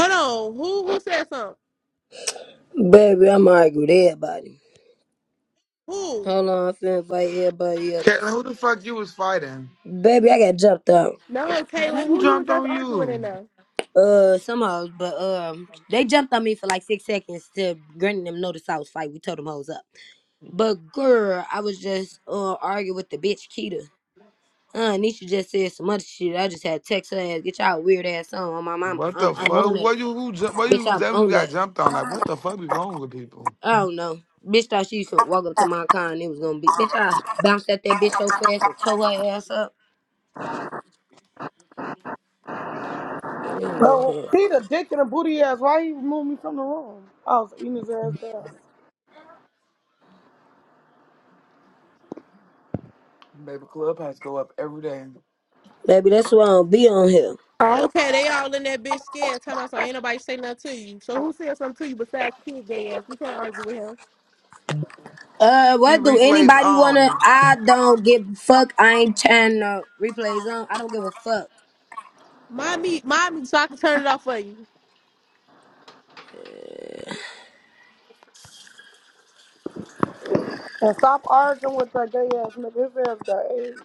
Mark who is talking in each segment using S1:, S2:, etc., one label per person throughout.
S1: Hold on. Who who said something?
S2: Baby, I'm arguing with everybody.
S1: Who?
S2: Hold on, I'm finna invite everybody up.
S3: Cat, who the fuck you was fighting?
S2: Baby, I got jumped out.
S1: No, Kaylin,
S3: Who
S1: who you was
S3: jumped
S1: just
S3: on
S1: arguing in
S3: you?
S1: there?
S2: Uh, some hoes, but um, they jumped on me for like six seconds to granting them notice I was fight. We told them hoes up. But girl, I was just uh arguing with the bitch Keita. Uh, Nisha just said some other shit. I just had to text her ass, get y'all weird ass on. I'm, I'm, I'm,
S3: What the
S2: I'm I'm on
S3: fuck?
S2: that.
S3: What you who jump? What
S2: Bitch,
S3: you
S2: I'm
S3: that you
S2: on
S3: got
S2: that.
S3: jumped on? Like what the fuck be wrong with people?
S2: I don't know. Bitch thought she could walk up to my car and it was gonna be. Bitch, I bounced at that bitch so fast and tore her ass up. Let me move
S4: Bro,
S2: her.
S4: he the dick and a booty ass. Why he removed me from the room? I was eating his ass down.
S3: Baby, clubhouse go up every day.
S2: Baby, that's why I don't be on here.
S1: Oh, okay, they all in that bitch scared. Tell us, ain't nobody say nothing to you. So who said something to you besides kid gay ass? We can't argue with him.
S2: Uh,
S3: He
S2: what do
S3: replays
S2: anybody wanna?
S3: on.
S2: I don't give a fuck. I ain't turning the replays on. I don't give a fuck.
S1: Mommy, mommy, so I can turn it off for you.
S4: And stop arguing with that gay ass nigga. His ass got AIDS.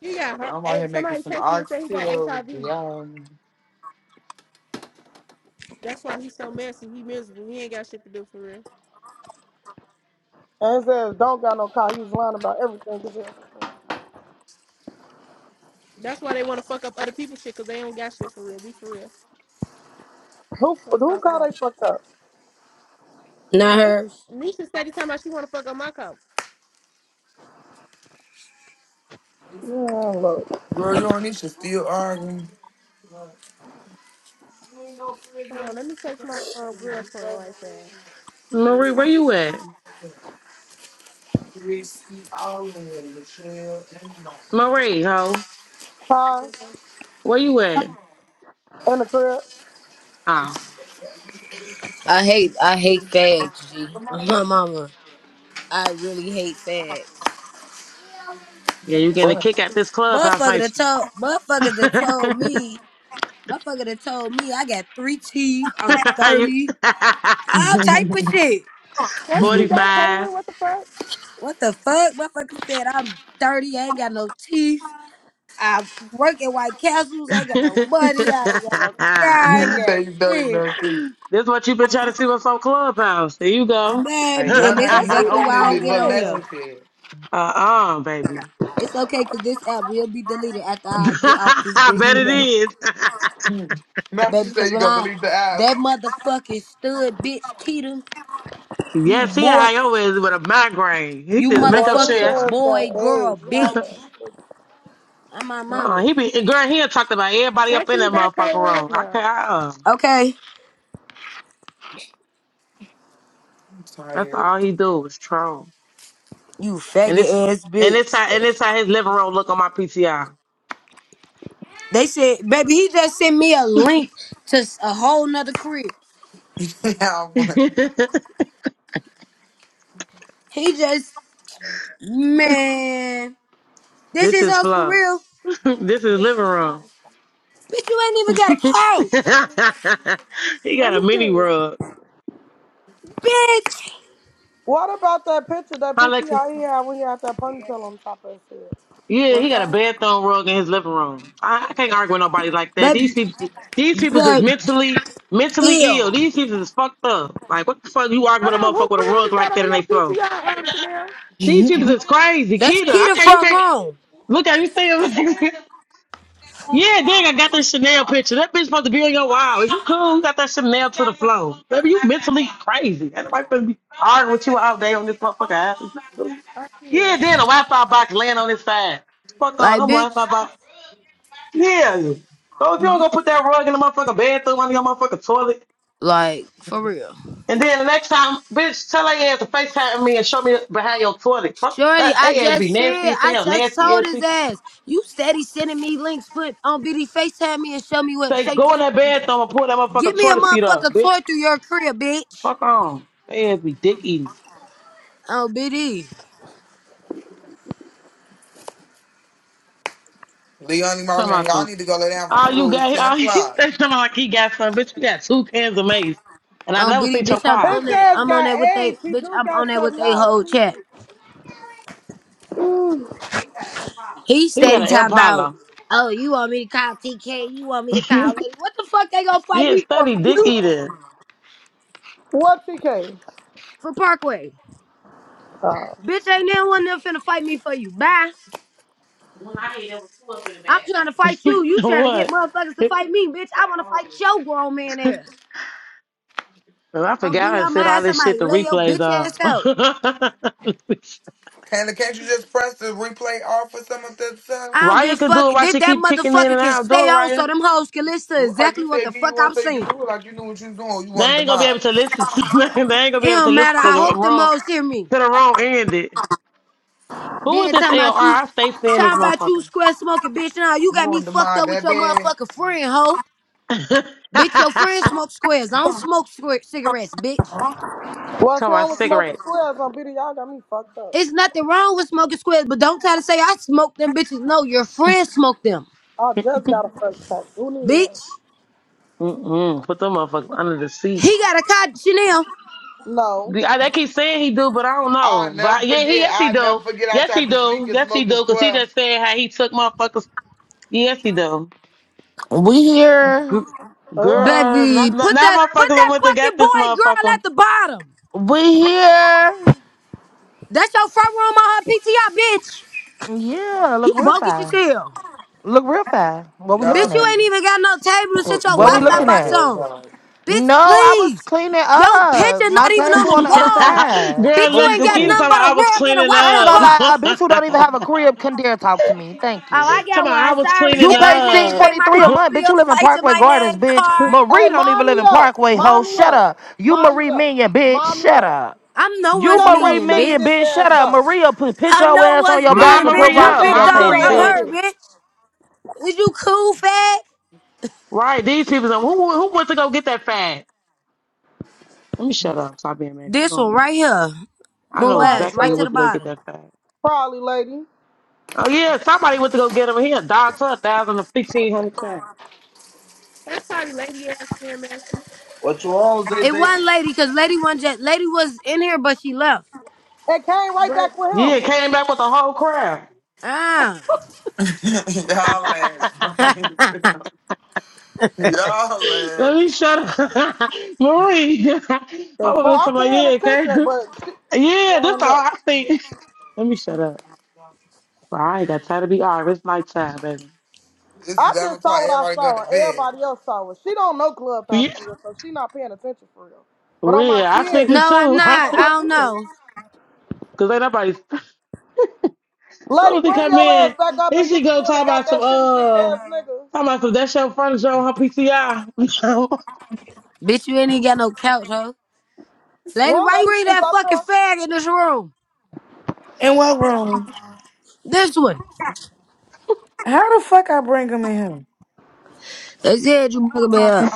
S1: He got her.
S3: I'm out here
S1: Hey,
S3: making
S1: somebody
S3: some
S1: text me and say he got
S3: oxtails,
S1: HIV.
S3: y'all.
S1: That's why he's so messy. He miserable. He ain't got shit to do for real.
S4: And his ass don't got no car. He was lying about everything. His ass was lying.
S1: That's why they want to fuck up other people's shit because they don't got shit for real. Be for real.
S4: who
S1: Let's
S4: who
S1: talk
S4: car
S1: about it.
S4: they fucked up?
S1: Nah,
S2: Not hers.
S1: Nisha said he talking about she want to fuck up my car.
S4: Yeah, look.
S3: Girl, you and Nisha still arguing.
S1: Hold on, let me text my uh, girlfriend right there.
S5: Marie, where you at? Marie, ho,
S4: Car
S5: where you at?
S4: in the crib.
S5: Oh,
S2: I hate, I hate fags, G. My mama, I really hate fags.
S5: yeah, you getting a kick
S3: What?
S5: at this clubhouse,
S2: Motherfucker
S5: ain't
S2: that
S5: you?
S2: told, motherfucker that told me, motherfucker that told me I got three teeth. I'm
S5: You-
S2: thirty. All type of shit.
S1: Text me back,
S5: 45.
S1: Caitlin. What the fuck?
S2: What the fuck? Motherfucker said I'm thirty. I ain't got no teeth. I work at White Castles. I ain't got no
S5: this
S2: money. I ain't got no car. I ain't
S3: you say
S2: got
S3: you dirty
S2: shit.
S3: nasty.
S5: what you been trying to see what's on clubhouse. There you go.
S3: Ain't
S2: Baby, and
S3: none,
S2: this is
S3: ain't
S1: Text
S3: none
S1: me
S2: exactly
S5: uh-uh,
S3: on
S1: back,
S2: why
S3: this
S2: I don't
S3: bitch
S2: get
S3: but
S2: on
S3: Matthew
S2: here.
S1: Caitlin.
S3: said.
S5: baby.
S2: It's okay because this app will be deleted after I get off this
S5: I
S2: bitch
S5: bet it
S2: today.
S5: is.
S3: Matthew
S2: Baby, because
S3: said you
S2: when
S3: gonna
S2: I,
S3: delete the app.
S2: that motherfucking stud bitch, Keita, you
S5: yes, he a
S2: boy,
S5: high is with a migraine. He
S2: you
S5: just make up
S4: Boy, his
S5: shit.
S2: motherfucking
S4: ass got
S2: boy,
S4: AIDS.
S2: girl,
S4: Y'all
S2: bitch.
S4: ass
S2: I'm my
S5: Uh-uh,
S2: mama.
S5: he be girl. He done talked about everybody up
S1: Text
S5: in
S1: me
S5: that
S1: back,
S5: motherfucking room. I
S1: Caitlin.
S5: can uh,
S2: Okay,
S3: I'm
S5: That's
S3: tired.
S5: all he do is troll.
S2: you
S5: And it's
S2: faggot ass
S5: and it's
S2: bitch.
S5: how and it's how his living room look on my P.T.I.
S2: They said, baby, he just sent me a link to s- a whole nother career.
S3: yeah,
S5: this
S2: He just Man, this is
S5: is
S2: us for
S5: flow.
S2: real.
S5: this is living room.
S2: Bitch, you ain't even got a couch.
S5: he
S1: Let
S5: got a
S1: me
S5: mini
S1: see.
S5: rug.
S2: Bitch.
S4: What about that picture, that
S5: How
S4: picture
S5: like
S4: y'all he had when he had that ponytail on top of his head?
S5: yeah, he
S4: What's
S5: got a
S4: that?
S5: bedthrone rug in his living room. I, I can't argue with nobody like that. These
S2: Baby,
S5: people, these people is
S2: like,
S5: mentally mentally
S2: ew.
S5: ill. These people is fucked up. Like what the fuck you argue
S1: Hold
S5: with a
S1: on, who
S5: motherfucker with a
S1: crib
S5: rug
S1: is that
S5: like that
S1: on
S5: in
S1: your
S5: they flow?
S1: PTR, Amsterdam?
S5: These
S6: In
S5: people is crazy.
S2: That's
S5: Kita,
S2: key
S5: I
S2: to
S5: can't, you
S2: front
S5: can't
S2: room.
S5: look at you see him. yeah, dang, I got this Chanel picture. That bitch supposed to be on your wall. Is you cool? You got that Chanel to the floor. Baby, you mentally crazy. Ain't nobody supposed to be arguing with you all day on this motherfucker app.
S1: Oh, yeah.
S5: Yeah, then a Wi-Fi box laying on his side. Fuck on,
S2: Like,
S5: I'm
S2: bitch,
S5: Wi-Fi box. Yeah. So if you don't go put that rug in the motherfucking bathroom under your motherfucking toilet,
S2: like, for real.
S5: And then the next time, bitch, tell her ass to FaceTime me and show me behind your toilet. Fuck,
S2: Shorty,
S5: that
S2: I
S5: ass be
S2: just said,
S5: nasty as
S2: I
S5: hell,
S2: just
S5: nasty
S2: told
S5: ass
S2: his
S5: people.
S2: ass. You steady sending me links, put on BD FaceTime me and show me what,
S5: Say,
S2: show you
S5: go in
S2: shit.
S5: that bathroom and pull that
S2: Give
S5: motherfucking
S2: me a
S5: toilet seat up,
S2: motherfucker toy
S5: bitch.
S2: through your crib, bitch.
S5: Fuck on. That ass be dick eating.
S2: Oh, BD.
S3: Leonie
S5: Talking
S3: Marion,
S5: about
S3: y'all
S5: some,
S3: need to go lay down for
S5: all you
S3: school. It's
S5: got,
S3: 10
S5: all he he
S3: o'clock.
S5: said something like he got some, bitch, you got two cans of mace. And I
S2: Oh,
S5: never
S2: BD,
S5: seen your
S2: bitch, I'm
S4: His
S5: car.
S2: on that.
S4: ass
S2: I'm on
S4: got
S2: that with they,
S4: AIDS. He
S2: bitch,
S4: do
S2: I'm
S4: got
S2: on that with
S4: some.
S2: they
S4: Y'all
S2: whole
S4: tweaking.
S2: chat. He
S5: He had
S2: steady
S5: an
S2: talking about,
S5: Impala.
S2: oh, you want me to call TK? You want me to call Lady? What the fuck they gonna fight
S5: yeah,
S2: me for?
S5: study
S2: For
S5: dick
S2: you?
S5: eating.
S4: What TK?
S2: For Parkway? Bitch, ain't no one there finna fight me for you. Bye. I'm trying to fight you. You trying to get
S5: what?
S2: motherfuckers to fight me, bitch. I wanna fight your grown man ass.
S5: I
S2: Oh, bitch,
S5: forgot I
S2: I'm gonna
S5: said all
S2: have
S5: this shit
S2: somebody
S5: to
S2: lay your
S5: replays
S2: bitch
S5: on.
S2: ass out.
S3: Kayla, can't you just press the replay off for some of this stuff?
S2: I don't give
S5: Raya
S2: a
S5: could
S2: fuck.
S5: do it Why
S2: That,
S5: she
S2: that
S5: keep kicking in
S2: motherfucker
S5: and
S2: can
S5: out. Do it,
S2: stay on so
S5: Raya.
S2: them hoes can listen to
S3: Like you
S2: exactly what the
S3: said, give you
S2: fuck
S3: one
S2: I'm
S3: so you could
S2: saying.
S3: do it like you knew what you was doing. You
S5: They
S3: wanted to
S5: ain't gonna be
S3: mind.
S5: able to listen to. they ain't gonna
S2: It
S5: be able to
S2: don't
S5: listen
S2: matter.
S5: to
S2: I
S5: the
S2: hope them
S5: wrong
S2: hoes hear me.
S5: to the wrong end. It. Who is
S2: Then
S5: this
S2: talking
S5: LR?
S2: about you,
S5: I stay seeing this
S2: talking about you
S5: motherfucker.
S2: square smoking, bitch. Now you
S3: You
S2: got me
S3: wanted to
S2: fucked
S3: mind
S2: up with
S3: that
S2: your
S3: bad.
S2: motherfucking friend, hoe. Bitch, your friend smoke squares. I don't smoke square cigarettes, bitch.
S4: What's
S5: Talk about
S4: wrong with smoking
S5: cigarettes.
S4: clubs on BD? Y'all got me fucked up.
S2: It's nothing wrong with smoking squares, but don't try to say I smoke them bitches. No, your friend smoked them,
S4: I just got a fresh pack. Who need one?
S2: bitch.
S5: Mm-mm. Put them motherfuckers under the seat.
S2: He got a car, Chanel.
S4: No.
S5: The- I, they keep saying he do, but I don't
S3: I'll
S5: know.
S3: never
S5: But yeah, he
S3: forget.
S5: yes he
S3: I'll never
S5: do.
S3: forget I
S5: Yes he
S3: tried to sneak
S5: do.
S3: and
S5: Yes he
S3: smoke a
S5: do. Cause he
S3: square.
S5: just said how he took motherfuckers. Yes he do.
S7: We
S5: G-
S7: here.
S4: Ugh.
S5: girl, not,
S2: Baby,
S5: not,
S2: put that
S5: not
S2: put
S5: motherfuckers. I
S2: that
S5: went to
S2: fucking
S5: get this
S2: boy girl
S5: motherfucker.
S2: at the bottom.
S7: We here.
S2: That's your front room on her PTI, bitch.
S7: Yeah, look
S2: You
S7: real
S2: bogus
S7: fine.
S2: yourself.
S7: Look real fine. What we
S3: Y'all
S7: looking
S2: Bitch, you
S7: at?
S3: be
S2: ain't even got no table to
S3: so-
S2: sit your
S7: What we
S3: doing it
S2: Wi-Fi
S7: looking
S3: on
S2: box
S7: at?
S2: on.
S3: Clubhouse.
S2: Bitch,
S7: No, I was
S2: please.
S7: cleaning
S2: Yo,
S7: up
S2: picture
S7: my
S2: not even on
S7: table on
S2: the
S5: Girl,
S7: the other
S2: wall.
S7: side.
S2: Bitch,
S7: What
S2: you
S7: we
S2: ain't
S5: Lexi
S2: got
S5: Keita talking
S7: doing?
S2: nothing
S5: about
S2: but a
S5: I was
S2: rug and a
S5: cleaning
S7: I ain't
S2: Wi-Fi
S5: up.
S7: gonna lie, a
S2: box.
S7: bitch who don't even have a crib can dare talk to me. Thank
S2: Oh,
S7: you.
S2: I
S5: talking
S2: got
S5: about I
S2: one.
S5: was
S2: Sorry.
S5: cleaning
S7: You
S2: In my
S7: pay six
S2: name,
S5: up.
S2: pay
S7: forty
S2: my
S7: three a
S2: own
S7: month, bitch. You
S2: bills,
S7: live in
S2: lights in
S7: Parkway
S2: my
S7: Gardens,
S2: name,
S7: bitch.
S2: car.
S7: Marie
S4: Hey,
S7: don't even live
S4: mommy
S7: in
S4: up.
S7: Parkway, ho.
S4: Mommy
S7: Shut
S4: up.
S7: up. You
S4: Mommy
S7: Marie
S4: up.
S7: Minion, bitch.
S4: Mommy
S7: Shut
S4: up.
S7: up.
S2: I'm no
S7: You
S2: one's
S4: Shut your
S7: Marie
S2: minion,
S4: shitty
S2: bitch.
S7: Minion, bitch.
S4: bitch ass
S7: Shut up.
S4: up.
S7: Maria put put
S2: I'm
S7: your
S2: no
S7: ass on
S2: one's
S7: your
S5: My
S7: back
S2: minion,
S7: and put
S2: bitch.
S4: You
S2: I'm
S7: rocks
S5: Maria,
S7: in
S2: big
S4: got
S7: your
S5: my
S4: shit
S2: dog.
S7: face,
S4: on
S2: I'm
S4: your
S5: Maria.
S7: bitch.
S2: her,
S4: dick.
S2: bitch. Is you cool, fat?
S5: Right, these people. Who who went to go get that fag? Let me shut up. Stop being messy.
S2: This
S5: Go on
S2: one
S5: mute.
S2: right here.
S5: I
S2: Move
S5: know
S4: Probably
S2: ass
S5: exactly
S2: right
S5: who
S4: lady.
S2: to the
S5: went to go get
S2: bottom.
S5: that fag.
S4: Probably lady.
S5: Oh yeah, somebody went to go get him. He a dog to a thousand or fifteen hundred fag.
S1: That's probably Lady ass and
S8: What's wrong, Zay
S2: It
S8: Zay?
S2: wasn't lady, cause lady one jet lady was in here, but she left.
S4: It came right
S1: But
S4: back with
S5: Yeah,
S4: him.
S5: came back with a whole crowd.
S2: Ah.
S3: y'all ass
S2: no,
S3: funny. y'all
S5: Let
S3: ass.
S5: me shut up, Marie. I'm
S4: The
S5: over
S4: fuck?
S5: there talking
S4: I'm
S5: about yeah,
S4: paying attention,
S5: okay.
S4: but
S5: Yeah, that's all
S4: shit.
S5: I think. Let me shut up. Well, I ain't got time to be arguing. It's nighttime, baby.
S3: It's
S4: I
S3: 11
S4: just saw
S3: o'clock.
S4: what I
S3: Everybody go
S4: saw,
S3: to
S4: and
S3: bed.
S4: everybody else saw it. She don't know Clubhouse
S5: Yeah,
S4: for real, so she not paying attention for real. But on my
S5: real. I sleep
S4: kids,
S5: it
S2: I'm
S5: too. I
S2: not.
S4: on
S2: I
S5: sleep
S4: my
S2: don't
S4: kids.
S2: know.
S5: because ain't nobody. So
S4: Lady,
S5: as they
S4: bring
S5: come
S4: your ass
S5: in,
S4: back up
S5: then
S4: and you
S5: she
S4: the
S5: go
S4: one
S5: talk
S4: that got
S5: about
S4: that
S5: some
S4: shitty dick
S5: uh,
S4: ass nigga.
S5: talk about some that's your furniture on her PCI.
S2: Bitch, you ain't even got no couch, huh? Lady,
S4: One
S2: why you
S4: lady
S2: read
S4: just
S2: that
S4: up
S2: fucking
S4: there.
S2: fag in this room?
S6: what room?
S2: This one.
S6: How the fuck I bring him in
S2: They said you bugger me up.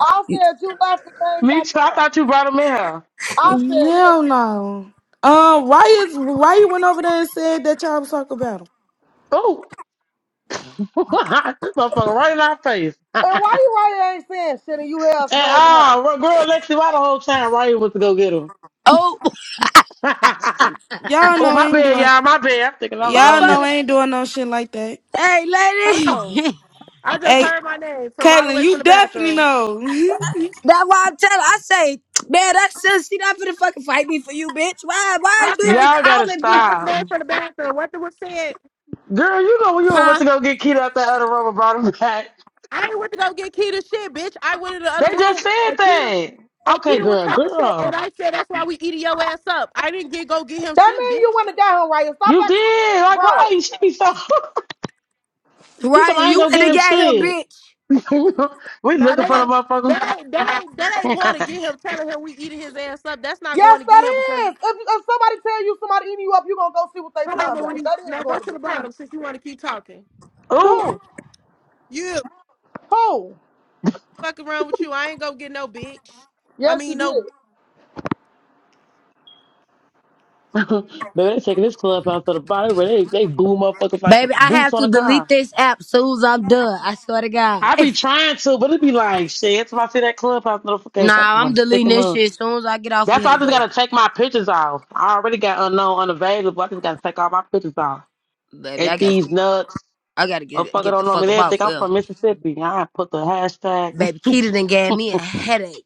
S4: I
S2: You-
S4: said you left and came
S5: me
S4: back
S5: too. I
S4: up.
S5: thought you brought him in here.
S4: I
S6: here?
S4: said
S6: Hell
S4: that.
S6: no. Um, why is why you went over there and said that y'all was talking about him?
S5: Oh, this motherfucker right in our face. and
S4: And why you right here ain't saying shit and you hell's blaming her?
S5: ah, uh, girl, Lexi, why the whole time Ryan went to go get him?
S2: Oh,
S6: Y'all
S5: oh,
S6: know I
S5: my
S6: ain't
S5: bad,
S6: doing
S5: y'all. My bad. I'm thinking I was
S6: y'all
S5: on me.
S6: know I
S2: motherfucker.
S6: ain't doing no shit like that.
S2: Hey,
S1: hold
S2: lady.
S1: on. I just
S6: Hey,
S1: heard my name from all the
S6: Caitlin,
S1: way from
S6: you
S1: the
S6: definitely
S1: bathroom.
S6: know.
S2: That's why I'm telling. I say, man, that sissy not finna fucking fight me for you, bitch. Why? Why
S1: I
S2: is you
S1: just,
S2: even
S5: Y'all
S1: I
S5: gotta
S1: just
S2: calling
S1: heard my
S2: people?
S5: stop.
S1: name from the bathroom. What the was said?
S5: Girl, you know when you went
S2: Huh?
S5: to go get Keto out that other room and brought him back.
S1: I ain't went to go get Keita shit, bitch. I went in the
S5: They
S1: other
S5: just
S1: room
S5: said
S1: and Keita
S5: that.
S1: And
S5: Okay,
S1: Q was
S5: girl,
S1: talking shit, and
S5: girl.
S1: I said that's why we eating your ass up. I didn't get go get him
S4: That
S1: shit,
S4: mean you
S1: bitch.
S4: went to get him right here. Stop
S5: You
S4: that
S5: did. Like, why
S4: bro.
S5: you should be so she said,
S2: Ryan,
S5: I ain't
S2: you
S5: gonna
S2: in the
S5: get him
S2: game here,
S5: shit.
S2: bitch.
S5: we
S1: Now
S5: looking
S1: that
S5: for the
S1: ain't that ain't that ain't that ain't going to
S5: motherfucker.
S1: get him telling him we eating his ass up. That's not going
S4: Yes,
S1: to get
S4: that
S1: him because
S4: is. If, if somebody tell you somebody eating you up, you gonna go see what they
S1: hold on,
S4: time that.
S1: Marie.
S4: That is
S1: Now go
S4: going to
S1: to
S4: be.
S1: the bottom since you want to keep talking.
S4: Who?
S5: Ooh.
S1: You
S4: Ho!
S1: fuck around with you. I ain't gonna get no bitch. I
S4: Yes, you
S1: mean no
S4: did.
S5: Baby, they taking this club out to the body where they, they boo motherfuckers like the
S2: Baby, I
S5: boots
S2: have
S5: on
S2: to
S5: a
S2: delete
S5: car.
S2: this app soon as I'm done. I swear to God.
S5: I be trying to, but it be like, shit, every I see that clubhouse notification, I
S2: nah,
S5: just
S2: I'm
S5: want to stick
S2: deleting
S5: 'em
S2: this
S5: up.
S2: shit soon as I get off of
S5: That's
S2: here
S5: why I just
S2: today.
S5: gotta take my pictures off. I already got unknown unavailable. I just gotta take all my pictures off.
S2: Baby, I
S5: At
S2: got
S5: these
S2: to,
S5: nuts,
S2: I gotta get
S5: motherfucker
S2: get the
S5: don't know me.
S2: fuck up
S5: They
S2: off
S5: think I'm
S2: here.
S5: from Mississippi. I put the hashtag.
S2: Baby Keita done gave me a headache.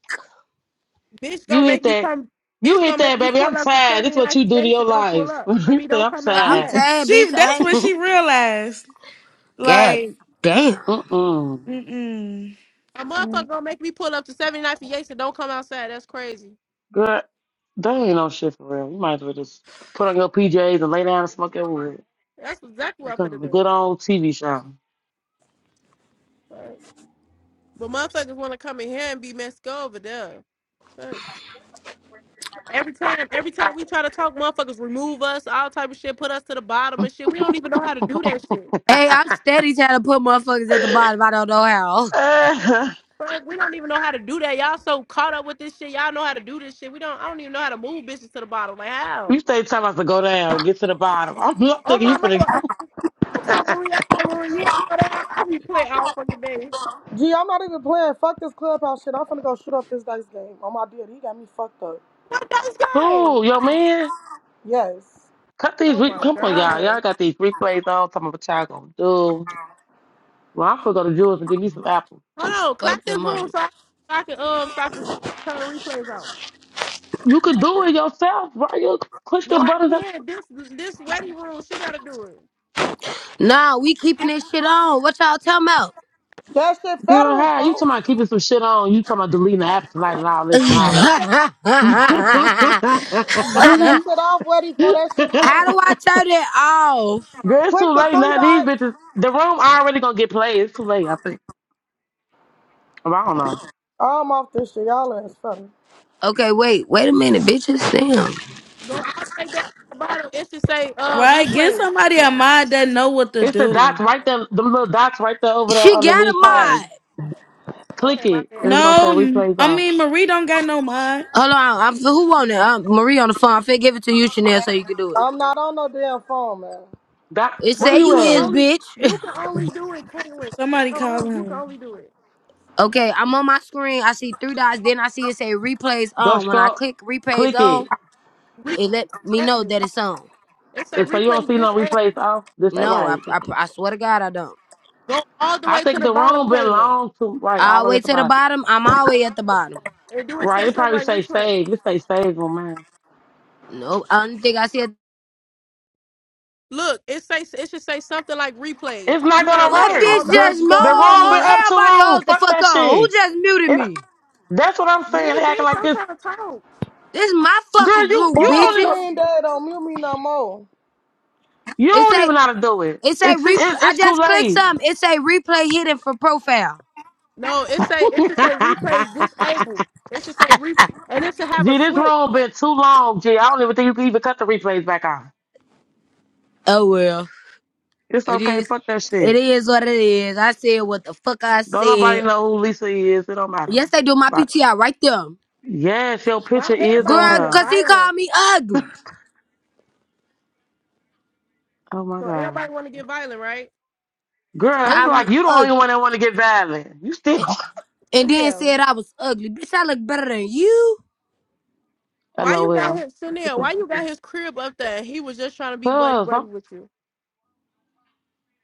S1: bitch gonna
S5: you hit
S1: make me
S5: that.
S1: come.
S5: You
S1: Bitch
S5: hit
S1: gonna make
S5: that,
S1: me
S5: baby.
S1: pull
S5: I'm
S1: up to
S5: tired. This is
S1: seventy
S5: what
S1: ninth
S5: you
S1: and
S5: do to
S1: Yates
S5: your
S1: and don't pull
S5: life.
S1: up. I
S5: you
S1: mean
S5: say
S1: don't
S5: I'm
S1: come
S2: Like, I'm
S1: outside.
S5: tired.
S2: tired, bitch.
S6: she that's
S2: I
S6: what
S2: ain't.
S6: she realized.
S2: God
S6: Like,
S2: damn.
S5: Mm-mm.
S6: mm
S1: A motherfucker
S6: mm.
S1: gonna make me pull up to seventy ninth and Yates and don't come outside. That's crazy.
S5: Girl, that ain't no shit for real. You might as well just put on your PJs and lay down and smoke your wood.
S1: That's exactly what I'm
S5: Like a
S1: finna do.
S5: good old TV show.
S1: Right. But motherfuckers want to come in here and be messed over there. Fuck. Every time, every time we try to talk, motherfuckers remove us, all type of shit, put us to the bottom and shit. We don't even know how to do that shit.
S2: Hey, I'm steady trying to put motherfuckers at the bottom. I don't know how.
S1: Fuck, we don't even know how to do that. Y'all so caught up with this shit. Y'all know how to do this shit. We don't. I don't even know how to move bitches to the bottom. Like how?
S5: You stay telling us to go down, get to the bottom. I'm not
S1: Oh
S5: thinking you
S1: my
S5: finna.
S1: mama! I'm talking Marie. I said Marie, you ain't know that. I be playing all fucking day.
S4: Gee, I'm not even playing. Fuck this clubhouse shit. I'm finna go shoot up this dice game. Oh my dear, he got me fucked up.
S1: What those games?
S5: Ooh, yo, man,
S4: Yes.
S5: cut these.
S1: Oh
S5: Re-
S1: my
S5: Come on, y'all. Y'all
S1: god!
S5: got these replays on. Talking about what y'all gonna do. Well, I'm gonna go to Jewel's and get me some apples.
S1: Hold on, clap
S2: Fuck
S1: this
S2: them
S1: room
S2: hoes.
S1: so I, so I can um so I can turn the replays on.
S5: You could do it yourself, right? You push
S1: No,
S5: the
S1: I
S5: buttons up.
S1: can't. This this wedding room, she gotta do it.
S2: Nah, we keeping this shit on. What y'all talking about?
S4: That shit
S5: Girl,
S4: federal,
S5: hi. You talking
S4: folks.
S5: about keeping some shit on. You talking about deleting the apps tonight and all this and
S1: I
S5: all
S1: hate
S5: that.
S1: that.
S2: how
S4: Turn that shit off, ready for that shit federal.
S2: do I turn it off?
S5: Girl, it's
S4: Click
S5: too
S4: the
S5: late
S4: three
S5: now. These
S4: dots.
S5: bitches, the room already gonna get played. It's too late, I think. Well, I don't know.
S4: I'm off this shit. Y'all ass funny.
S2: Okay, wait. Wait a minute, bitches. Damn.
S1: Go all the way down to the bottom. It should say uh
S6: right? Get
S1: replays.
S6: somebody a mod that know what to
S5: It's the dots
S6: do.
S5: right there, the little dots right there over there
S2: She
S5: under
S2: got a
S5: leave
S1: Yeah.
S5: quietly.
S2: mod.
S5: Click
S1: Okay, my
S5: it, and
S1: bad.
S5: it's gonna say
S6: No,
S5: replays
S6: I
S5: on.
S6: mean Marie don't got no mind.
S2: Hold on. I'm, who on it? Um Marie on the phone. I'm finna give it to you, Chanel, so you can do it.
S4: I'm not on no damn phone, man.
S5: That
S2: It
S5: where
S1: No,
S2: say
S5: you
S1: you
S2: you
S1: can
S2: is,
S5: at?
S1: only
S2: bitch.
S1: you can only do it, Caitlin.
S6: Somebody
S1: No
S6: call
S1: room, you can
S6: him.
S1: only do it.
S2: Okay, I'm on my screen. I see three dots. Then I see it say replays
S5: Go
S2: on. When I
S5: scroll,
S2: click replays
S5: click
S2: on,
S5: it,
S1: Replays
S2: it let me know
S1: disabled.
S2: that it's on.
S1: It say
S5: and so you don't
S1: replays
S5: see no
S1: disabled.
S5: replays off. This ain't
S2: No, I,
S5: right.
S2: I, I swear to God, I don't.
S1: Go all the
S5: I
S1: way to
S5: think
S1: the
S5: the
S1: bottom,
S5: room been
S1: Caitlin.
S5: long too right all
S2: All the
S5: the way
S2: way
S5: at the
S2: to the
S5: bottom.
S2: bottom. I'm always at the bottom.
S1: And do it
S5: Right,
S1: say
S5: it
S1: something
S5: probably
S1: like
S5: say
S1: replay?
S5: save. It say save on mine.
S2: No, I don't think I said
S1: Look, it say it should say something like replays.
S5: It's not
S1: You gotta
S5: gonna
S1: look
S2: what
S1: at
S5: work.
S1: all
S2: bitch
S1: the
S2: just
S4: Bitch,
S1: options.
S5: The
S4: don't
S5: room
S2: mo.
S4: mute
S5: been
S4: me.
S5: up too
S2: Everybody
S5: long.
S2: hold the
S5: Fuck
S2: fuck
S5: that
S2: on. Who
S5: shit.
S2: just muted
S5: It,
S2: me?
S5: that's what I'm
S1: Me,
S5: saying. They acting
S1: bitch,
S5: like
S1: I'm
S5: this.
S1: trying to talk.
S2: This my
S5: Girl,
S2: fucking
S5: you
S2: group,
S4: But
S5: you don't
S4: on
S5: even
S4: King
S2: bitches.
S4: Day, don't mute me no more.
S5: you
S2: It
S5: don't
S2: say
S5: even know how to do it.
S2: it say
S5: It's it,
S2: replay. I
S5: it's too
S2: just clicked
S5: late.
S2: something. It say replay hidden for profile.
S1: No, it say it
S5: Gee,
S1: should say replay disabled. It should say re and it should have a
S5: this
S1: switch.
S5: room been too long, Gee. I don't even think you can even cut the replays back on.
S2: Oh well.
S5: It's
S2: It
S5: okay.
S2: is.
S5: Fuck that
S2: It
S5: shit.
S2: is what it is. I said what the fuck I
S5: Don't
S2: said.
S5: nobody know who Lisa is. It don't matter.
S2: Yes, they do my
S5: Like,
S2: PTI right there.
S5: yes, your
S1: Why
S5: picture is
S1: everybody
S5: on
S2: Girl,
S1: get a
S5: her.
S2: cause he
S1: violent?
S2: called me ugly.
S5: Oh my
S1: So
S5: god,
S1: everybody want to get violent, right? Until I
S5: girl, it's
S1: get
S2: Called me
S1: out
S5: like
S1: of
S5: you the only
S2: ugly.
S5: one that want to get violent. You still,
S2: And, and then
S1: Chanel.
S2: said I was ugly. Bitch, I look better than you.
S1: Why you got
S5: lol.
S1: his
S5: What
S1: Chanel? Why
S5: the-
S1: you got his crib up there? And he was just trying to be buddy
S5: Cause
S1: buddy
S5: I'm,
S1: with you,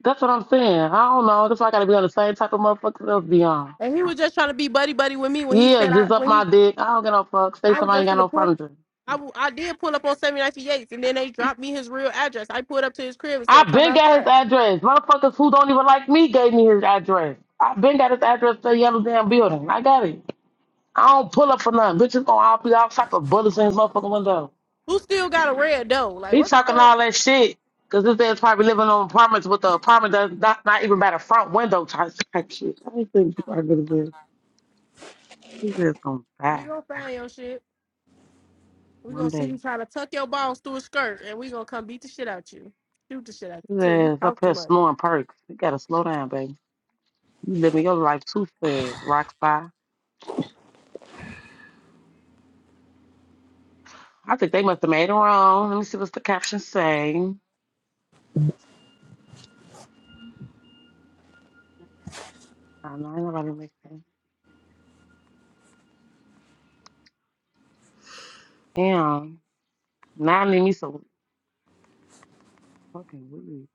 S5: that's what I'm saying. I don't know. That's why I gotta be on the same type of motherfuckers else be on.
S1: and he was just trying to be buddy buddy with me when he
S5: Yeah,
S1: said I
S5: just up
S1: when
S5: my
S1: he
S5: dick. I don't get no fuck. Say
S1: I was
S5: somebody ain't
S1: just
S5: got
S1: gonna
S5: no
S1: pull.
S5: furniture.
S1: I, w- I did pull up on 790 Yates, and then they dropped me his real address. I pulled up to his crib and said,
S5: I
S1: "Come
S5: been got his
S1: outside."
S5: address. Motherfuckers who don't even like me gave me his address. I been got his address to the yellow damn building. I got it. I don't pull up for nothing. Bitches gonna all be all type of bullets in his motherfucking window.
S1: Who still got a red dough? Like
S5: He
S1: what the
S5: talking
S1: fuck?
S5: all that shit because this ass probably living on apartments with the apartment that's not, not even by the front window type, type shit. I think this is probably good. His ass gonna
S1: We
S5: die
S1: gonna find your shit. We're gonna
S5: one
S1: see
S5: day.
S1: you try to tuck your balls through a skirt and we're gonna come beat the shit out you. Shoot the shit out
S5: His
S1: you too. You
S5: ass up
S1: talk too
S5: here
S1: much.
S5: snoring perks. You gotta slow down, baby. You living your life too fast, rock star. I think they must have made it wrong. Let me see what's the caption say. I know ain't nobody make that. Damn. Now I need me some fucking weed.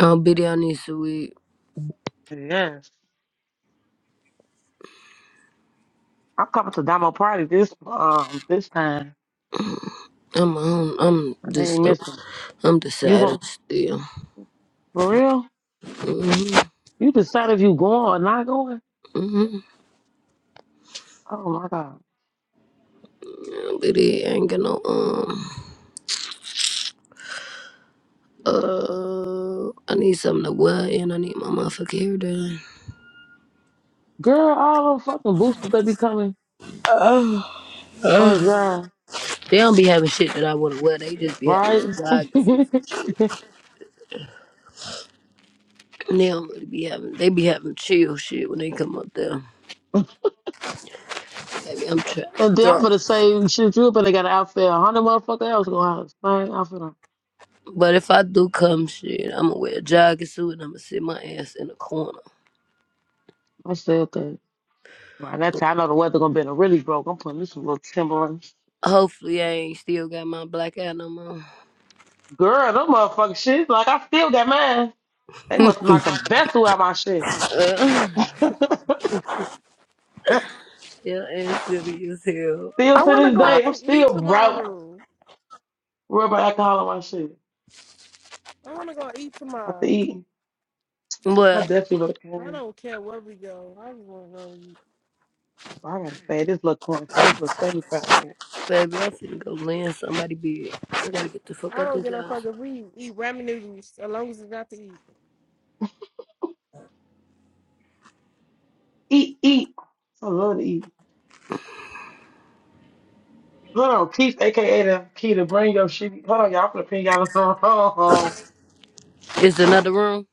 S2: Oh, bitch, I need to weed.
S5: Yes. I'm coming to Damo party this um this time.
S2: I'm, I'm, I'm
S5: I ain't
S2: just, I'm,
S5: missing.
S2: I'm the
S5: You gon'
S2: saddest still.
S5: for real?
S2: Mm-hmm,
S5: You decide if you going or not going?
S2: mm-hmm.
S5: Oh my god.
S2: Yeah, bitch, I ain't got no, um, uh, I need something to wear and I need my motherfucking hair done.
S5: Girl, all them fucking boosters that be coming on drive.
S2: They don't be having shit that I want to wear. They just be having a
S5: Right?
S2: joggers.
S5: and
S2: They don't really be having. They be having chill shit when they come up there. Baby, I'm trying to
S5: then I'm
S2: throw.
S5: gonna say shit you better got an outfit. A hundred motherfucker else gonna have the same outfit on.
S2: But if I do come, shit, I'ma wear a jogging suit and I'ma sit my ass in the corner.
S5: I said that. By that time, I know the weather gonna be in a really broke. I'm putting me some little Timberlands.
S2: Hopefully, I ain't still got my black eye no more.
S5: Girl, them motherfucking shit. Like I still got mine. They must have knocked the vessel out my shit.
S2: Uh,
S5: still
S2: yeah, and silly as hell.
S1: I
S5: to
S1: wanna
S5: this
S1: go
S5: day,
S1: out
S5: I'm
S1: to eat
S5: still broke.
S1: tomorrow.
S5: Rubber alcohol on my shit.
S1: I wanna go eat
S5: After
S1: tomorrow.
S5: eating, I
S2: Well,
S5: definitely would have came.
S1: I don't care where we go. I just wanna go eat.
S5: Well, I gotta say this little coin for this little seventy-five.
S2: baby, i finna go land somebody big. I gotta get the fuck
S1: I
S2: out
S1: don't
S2: this
S1: get no fuck
S2: house.
S1: if we eat ramen noodles as long as it's not to eat.
S5: Eat, eat. I love to eat. Hold on, Keith, aka the key to bring your shit. Hold on, y'all. I'm gonna pin y'all on. the wrong.
S2: Is another room?